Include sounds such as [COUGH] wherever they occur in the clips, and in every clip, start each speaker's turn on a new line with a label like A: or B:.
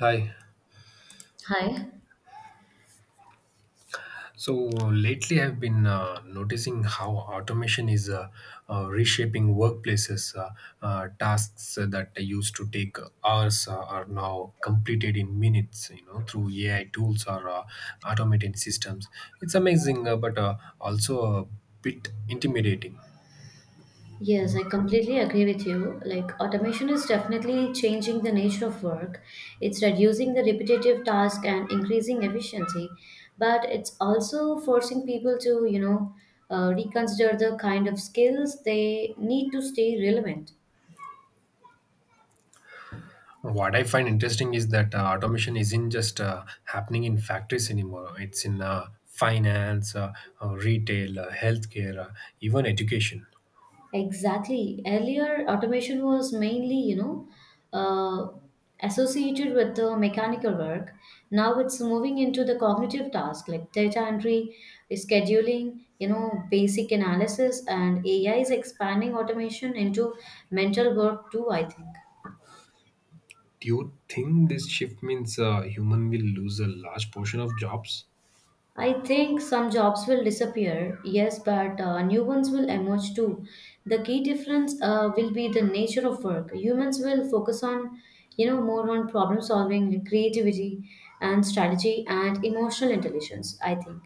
A: Hi.
B: Hi.
A: So lately, I've been noticing how automation is reshaping workplaces. Tasks that used to take hours are now completed in minutes. You know, through AI tools or automated systems. It's amazing, but also a bit intimidating.
B: Yes, I completely agree with you. Like, automation is definitely changing the nature of work. It's reducing the repetitive task and increasing efficiency, but it's also forcing people to, you know, reconsider the kind of skills they need to stay relevant.
A: What I find interesting is that automation isn't just happening in factories anymore. It's in finance, retail, healthcare, even education.
B: Exactly. Earlier, automation was mainly, you know, uh, associated with the mechanical work. Now it's moving into the cognitive task like data entry, scheduling, you know, basic analysis, and AI is expanding automation into mental work too, I think.
A: Do you think this shift means human will lose a large portion of jobs?
B: I think some jobs will disappear, yes, but new ones will emerge too. The key difference will be the nature of work. Humans will focus on, you know, more on problem solving, creativity, and strategy, and emotional intelligence, I think.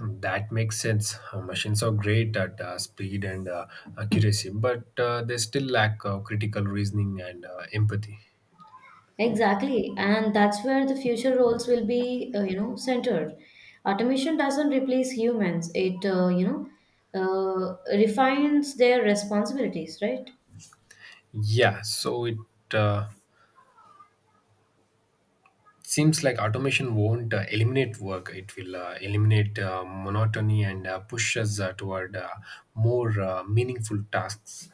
A: That makes sense. Machines are great at speed and accuracy, but they still lack critical reasoning and empathy.
B: Exactly, and that's where the future roles will be, you know, centered. Automation doesn't replace humans; it, refines their responsibilities, right?
A: Yeah, so it uh, seems like automation won't eliminate work. It will eliminate monotony and push us toward more meaningful tasks.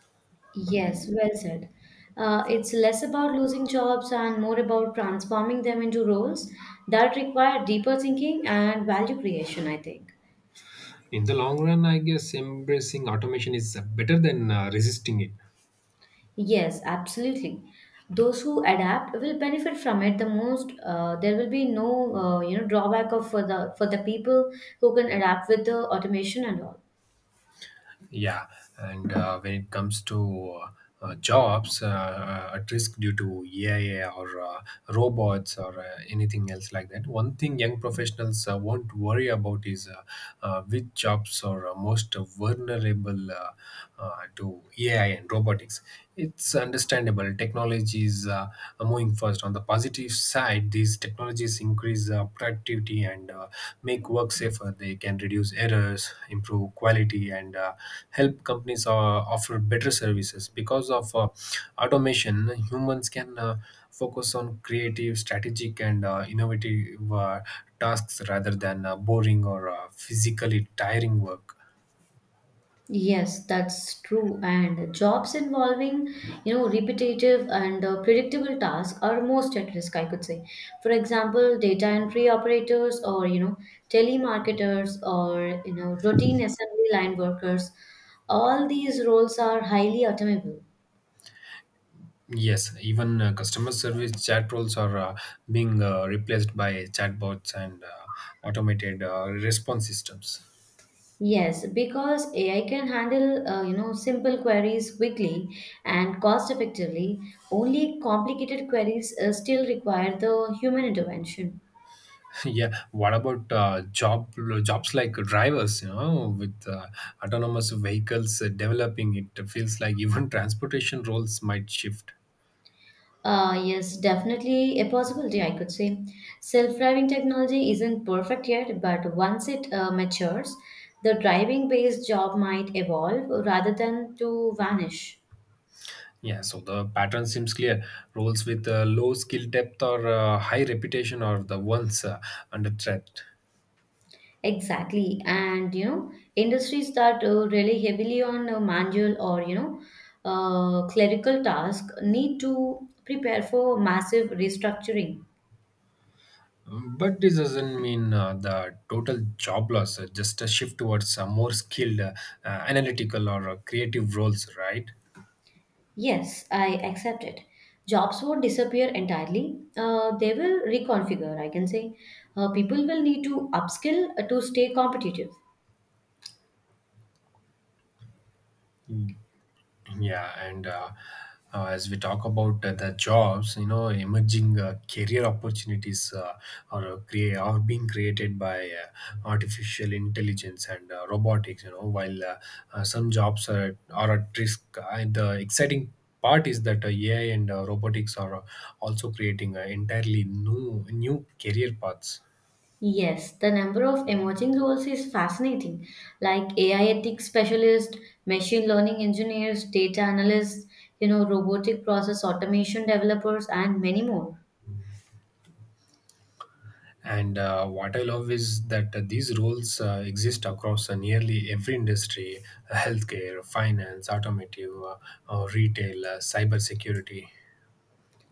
B: Yes, well said. It's less about losing jobs and more about transforming them into roles that require deeper thinking and value creation, I think.
A: In the long run, I guess embracing automation is better than resisting it.
B: Yes, absolutely. Those who adapt will benefit from it the most. There will be no, you know, drawback of for the people who can adapt with the automation and all.
A: Yeah, and when it comes to jobs at risk due to AI or robots or anything else like that, one thing young professionals won't worry about is which jobs are most vulnerable uh, to AI and robotics. It's understandable. Technology is moving fast. On the positive side, these technologies increase productivity and make work safer. They can reduce errors, improve quality, and help companies offer better services. Because of automation, humans can focus on creative, strategic, and innovative tasks rather than boring or physically tiring work.
B: Yes, that's true. And jobs involving, you know, repetitive and predictable tasks are most at risk, I could say. For example, data entry operators or, you know, telemarketers or, you know, routine assembly line workers. All these roles are highly automable.
A: Yes, even customer service chat roles are being replaced by chatbots and automated response systems.
B: Yes, because AI can handle you know simple queries quickly and cost effectively. Only complicated queries still require the human intervention.
A: [LAUGHS] Yeah, what about jobs like drivers? You know, with autonomous vehicles developing, it feels like [LAUGHS] even transportation roles might shift.
B: Yes, definitely a possibility, I could say. Self driving technology isn't perfect yet, but once it matures, the driving based job might evolve rather than to vanish.
A: Yeah, so the pattern seems clear. Roles with low skill depth or high reputation are the ones under threat.
B: Exactly. And, you know, industries that rely heavily on manual or, you know, clerical tasks need to prepare for massive restructuring.
A: But this doesn't mean the total job loss, just a shift towards more skilled, analytical, or creative roles, right?
B: Yes, I accept it. Jobs won't disappear entirely. They will reconfigure, I can say. People will need to upskill to stay competitive.
A: Yeah, and as we talk about the jobs, you know, emerging career opportunities are are being created by artificial intelligence and robotics. You know, while some jobs are at risk, and the exciting part is that AI and robotics are also creating entirely new career paths.
B: Yes, the number of emerging roles is fascinating, like AI ethics specialist, machine learning engineers, data analysts, you know, robotic process automation developers, and many more.
A: And what I love is that these roles exist across nearly every industry: healthcare, finance, automotive, retail, cybersecurity.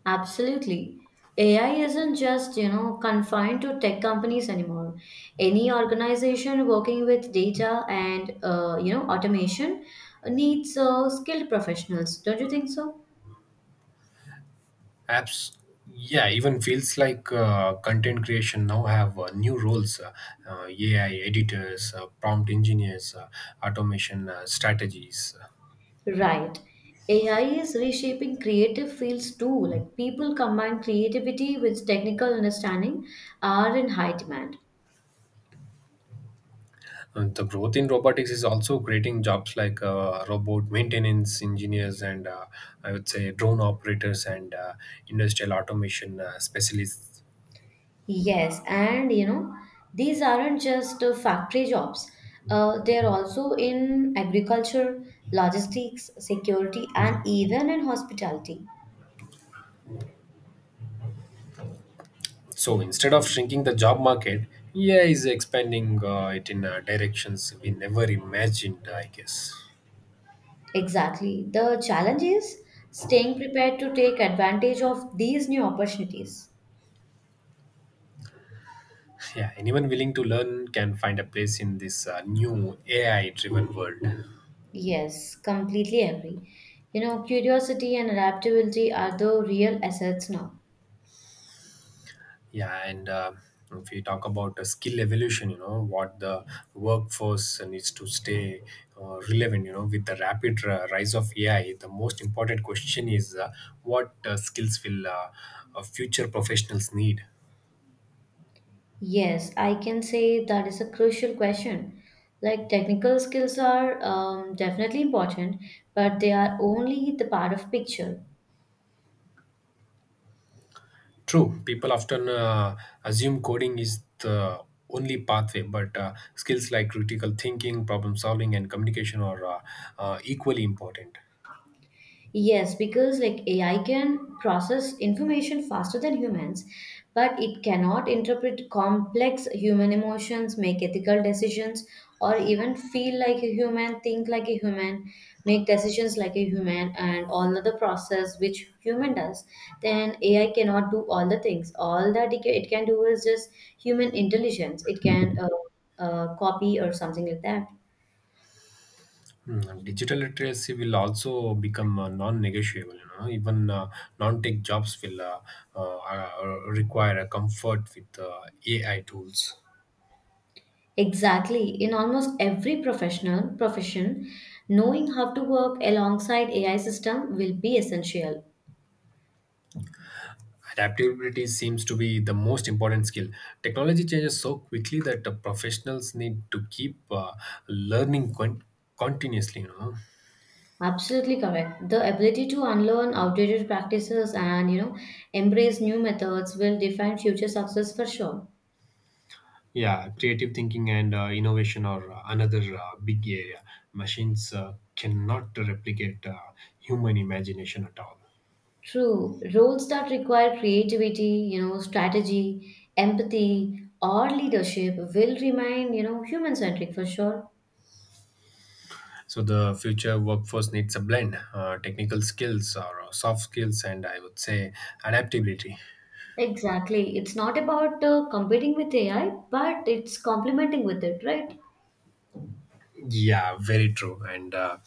B: Absolutely. AI isn't just, you know, confined to tech companies anymore. Any organization working with data and, you know, automation needs skilled professionals. Don't you think so?
A: Apps, yeah, even feels like content creation now have new roles: AI editors, prompt engineers, automation strategies.
B: Right. AI is reshaping creative fields too. Like people combine creativity with technical understanding are in high demand.
A: And the growth in robotics is also creating jobs like robot maintenance engineers and, I would say, drone operators and industrial automation specialists.
B: Yes, and you know, these aren't just factory jobs. They're also in agriculture, logistics, security, and even in hospitality.
A: So instead of shrinking the job market, AI is expanding it in directions we never imagined, I guess.
B: Exactly. The challenge is staying prepared to take advantage of these new opportunities.
A: Yeah, anyone willing to learn can find a place in this new AI driven world.
B: Yes, completely agree. You know, curiosity and adaptability are the real assets now.
A: Yeah, and if you talk about the skill evolution, you know what the workforce needs to stay relevant. You know, with the rapid rise of AI, the most important question is what skills will future professionals need.
B: Yes, I can say that is a crucial question. Like technical skills are definitely important, but they are only the part of picture.
A: True, people often assume coding is the only pathway, but skills like critical thinking, problem solving, and communication are equally important.
B: Yes, because like AI can process information faster than humans, but it cannot interpret complex human emotions, make ethical decisions, or even feel like a human, think like a human, make decisions like a human, and all of the process which human does. Then AI cannot do all the things. All that it can do is just human intelligence. It can copy or something like that.
A: Mm, digital literacy will also become non-negotiable. You know, even non-tech jobs will require a comfort with AI tools.
B: Exactly. In almost every professional profession, knowing how to work alongside AI system will be essential.
A: Adaptability seems to be the most important skill. Technology changes so quickly that professionals need to keep learning con- continuously, you know.
B: Absolutely correct. The ability to unlearn outdated practices and you know embrace new methods will define future success for sure.
A: Yeah, creative thinking and innovation are another big area. Machines cannot replicate human imagination at all.
B: True. Roles that require creativity, you know, strategy, empathy, or leadership will remain, you know, human centric for sure.
A: So the future workforce needs a blend: technical skills or soft skills, and I would say adaptability.
B: Exactly. It's not about competing with AI, but it's complementing with it, right?
A: Yeah, very true. And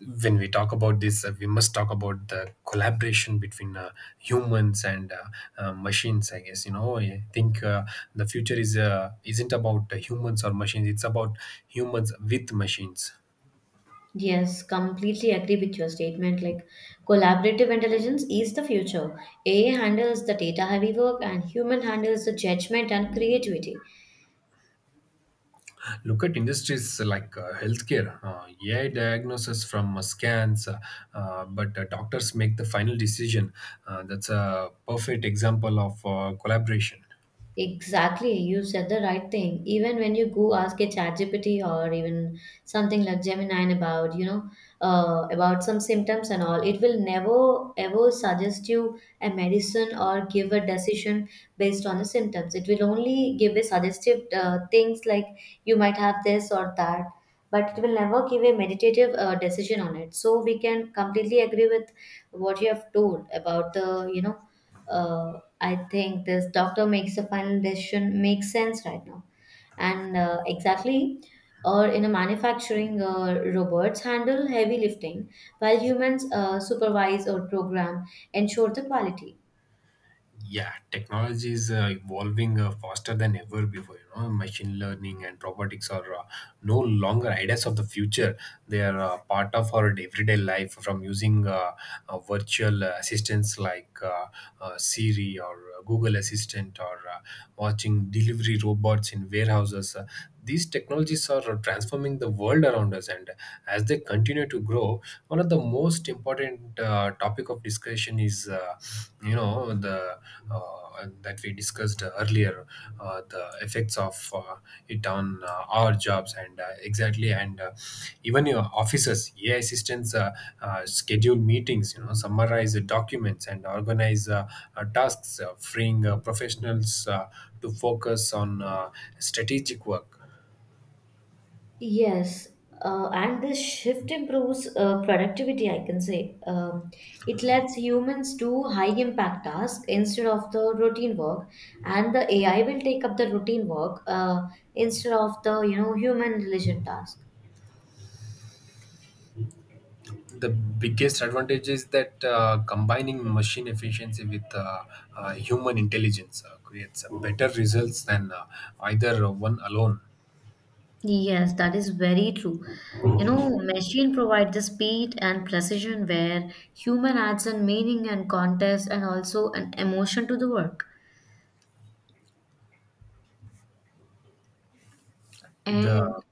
A: when we talk about this, we must talk about the collaboration between humans and machines. I guess, you know. I think the future is isn't about humans or machines. It's about humans with machines.
B: Yes, completely agree with your statement. Like, collaborative intelligence is the future. AI handles the data heavy work, and human handles the judgment and creativity.
A: Look at industries like healthcare. AI diagnosis from scans, but doctors make the final decision. That's a perfect example of collaboration.
B: Exactly, you said the right thing. Even when you go ask a chat GPT or even something like Gemini about, you know, about some symptoms and all, it will never ever suggest you a medicine or give a decision based on the symptoms. It will only give a suggestive things like you might have this or that, but it will never give a meditative decision on it. So we can completely agree with what you have told about the, you know, uh, I think this doctor makes a final decision makes sense right now. And exactly, or in a manufacturing, robots handle heavy lifting while humans supervise or program, ensure the quality.
A: Yeah, technology is evolving faster than ever before. You know, machine learning and robotics are no longer ideas of the future. They are part of our everyday life, from using virtual assistants like Siri or Google Assistant, or watching delivery robots in warehouses. These technologies are transforming the world around us, and as they continue to grow, one of the most important topic of discussion is, you know, the, that we discussed earlier, the effects of it on our jobs. And exactly. And even your offices AI assistants schedule meetings, you know, summarize the documents and organize tasks, freeing professionals to focus on strategic work.
B: Yes, and this shift improves productivity, I can say. It lets humans do high impact tasks instead of the routine work, and the AI will take up the routine work instead of the you know human diligent task.
A: The biggest advantage is that combining machine efficiency with human intelligence creates better results than either one alone.
B: Yes, that is very true. You know, machine provide the speed and precision where human adds in meaning and context and also an emotion to the work.
A: The
B: And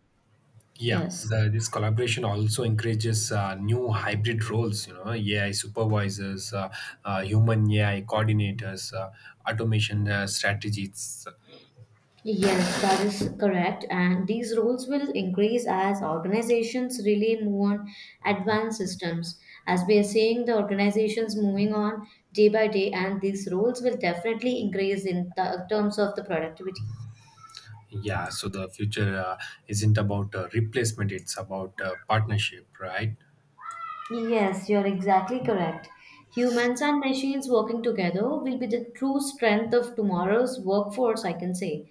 B: yes.
A: this collaboration also encourages new hybrid roles. You know, AI supervisors, human AI coordinators, automation strategists.
B: Yes, that is correct. And these roles will increase as organizations really move on advanced systems. As we are seeing the organizations moving on day by day, and these roles will definitely increase in the terms of the productivity.
A: Yeah, so the future isn't about replacement; it's about partnership, right?
B: Yes, you're exactly correct. Humans and machines working together will be the true strength of tomorrow's workforce, I can say.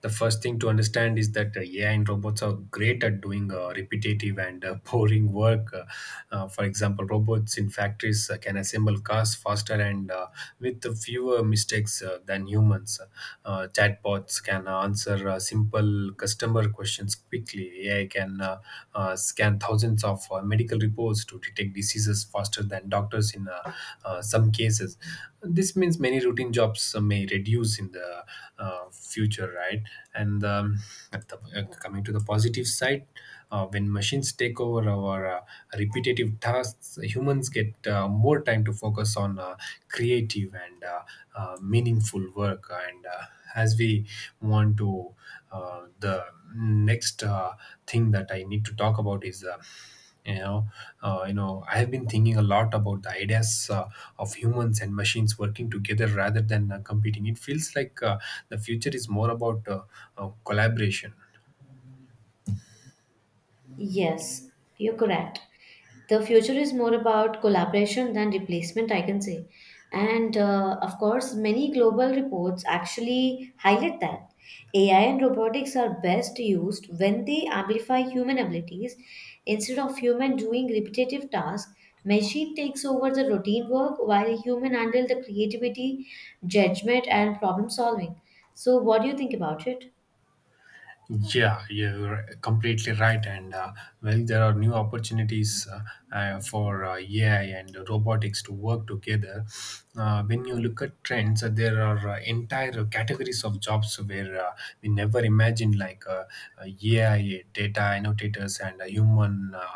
A: The first thing to understand is that AI and robots are great at doing repetitive and [LAUGHS] boring work. For example, robots in factories can assemble cars faster and with fewer mistakes than humans. Chatbots can answer simple customer questions quickly. AI can scan thousands of medical reports to detect diseases faster than doctors in some cases. This means many routine jobs may reduce in the future, right? And at the, coming to the positive side, when machines take over our repetitive tasks, humans get more time to focus on creative and meaningful work. And as we want to, the next thing that I need to talk about is, you know, I have been thinking a lot about the ideas of humans and machines working together rather than competing. It feels like the future is more about collaboration.
B: Yes, you're correct. The future is more about collaboration than replacement, I can say. And uh, of course many global reports actually highlight that AI and robotics are best used when they amplify human abilities instead of human doing repetitive tasks. Machine takes over the routine work while human handle the creativity, judgment and problem solving. So what do you think about it?
A: Yeah, you're completely right. And well, there are new opportunities for AI and robotics to work together. When you look at trends, there are entire categories of jobs where we never imagined, like AI data annotators and human uh,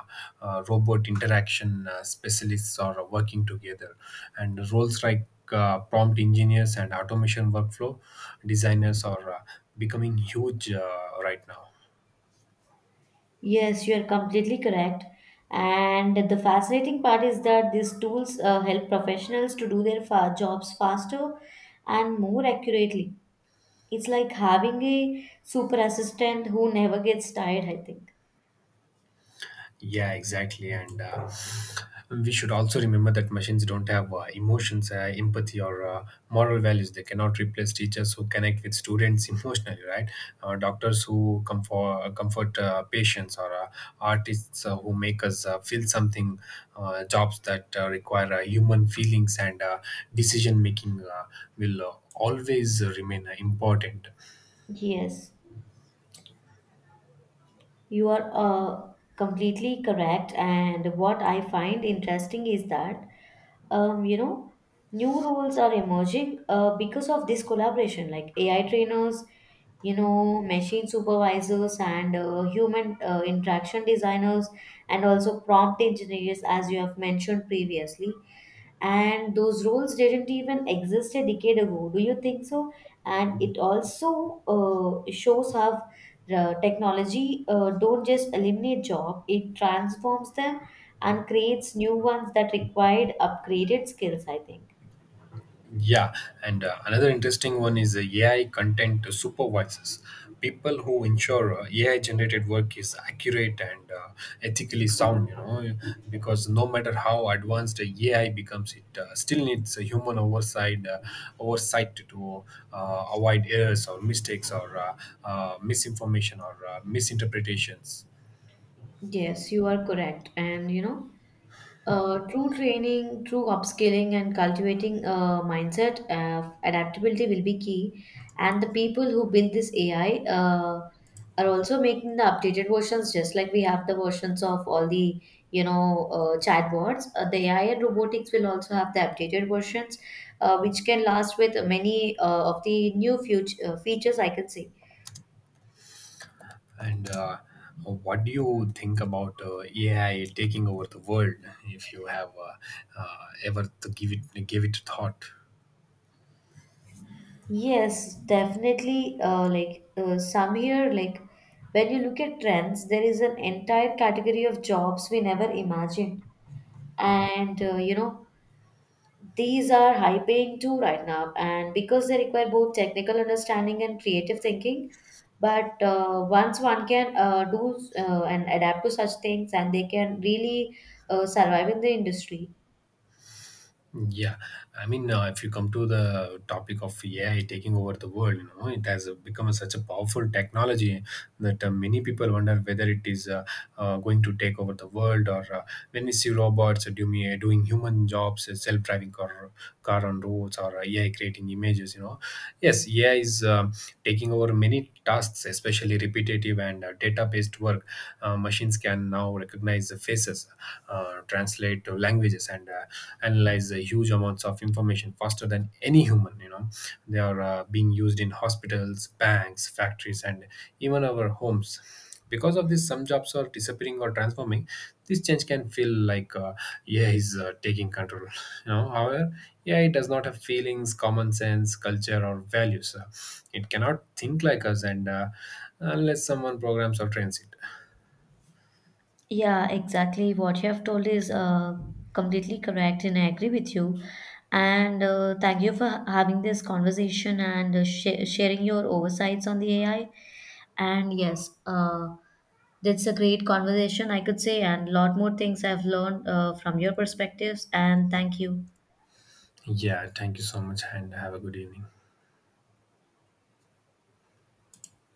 A: uh, robot interaction specialists are working together. And roles like prompt engineers and automation workflow designers are becoming huge right now.
B: Yes, you are completely correct. And the fascinating part is that these tools help professionals to do their jobs faster and more accurately. It's like having a super assistant who never gets tired, I think.
A: Yeah, exactly. And we should also remember that machines don't have emotions, empathy, or moral values. They cannot replace teachers who connect with students [LAUGHS] emotionally, right? Doctors who comfort patients, or artists who make us feel something, jobs that require human feelings and decision making will always remain important.
B: Yes, you are completely correct. And what I find interesting is that you know, new roles are emerging because of this collaboration, like AI trainers, you know, machine supervisors, and human interaction designers, and also prompt engineers, as you have mentioned previously. And those roles didn't even exist a decade ago, do you think so? And it also shows how technology don't just eliminate job, it transforms them and creates new ones that required upgraded skills, I think.
A: Yeah, and another interesting one is the AI content supervisors, people who ensure AI generated work is accurate and ethically sound. You know, because no matter how advanced the AI becomes, it still needs a human oversight to avoid errors or mistakes or misinformation or misinterpretations.
B: Yes, you are correct. And you know, true training, true upskilling, and cultivating a mindset of adaptability will be key. And the people who build this AI are also making the updated versions, just like we have the versions of all the you know chatbots. The AI and robotics will also have the updated versions, which can last with many of the new future features, I can say.
A: And what do you think about AI taking over the world? If you have ever to give it thought.
B: Yes, definitely. Like some here, like when you look at trends, there is an entire category of jobs we never imagined, and you know these are high paying too right now, and because they require both technical understanding and creative thinking. But once one can do and adapt to such things, and they can really survive in the industry.
A: Yeah, I mean, if you come to the topic of AI taking over the world, you know, it has become such a powerful technology that many people wonder whether it is going to take over the world. Or when we see robots doing human jobs, car on roads, or AI creating images, you know. Yes, AI is taking over many tasks, especially repetitive and data-based work. Machines can now recognize the faces, translate to languages, and analyze huge amounts of information faster than any human. You know, they are being used in hospitals, banks, factories, and even our homes. Because of this, some jobs are disappearing or transforming. This change can feel like, yeah is taking control. [LAUGHS] You know, however, yeah, it does not have feelings, common sense, culture, or values. It cannot think like us, and unless someone programs or trains it.
B: Yeah, exactly. What you have told is completely correct, and I agree with you. And thank you for having this conversation and uh, sharing your oversights on the AI. And yes, that's a great conversation, I could say, and a lot more things I've learned from your perspectives. And thank you.
A: Yeah, thank you so much, and have a good evening.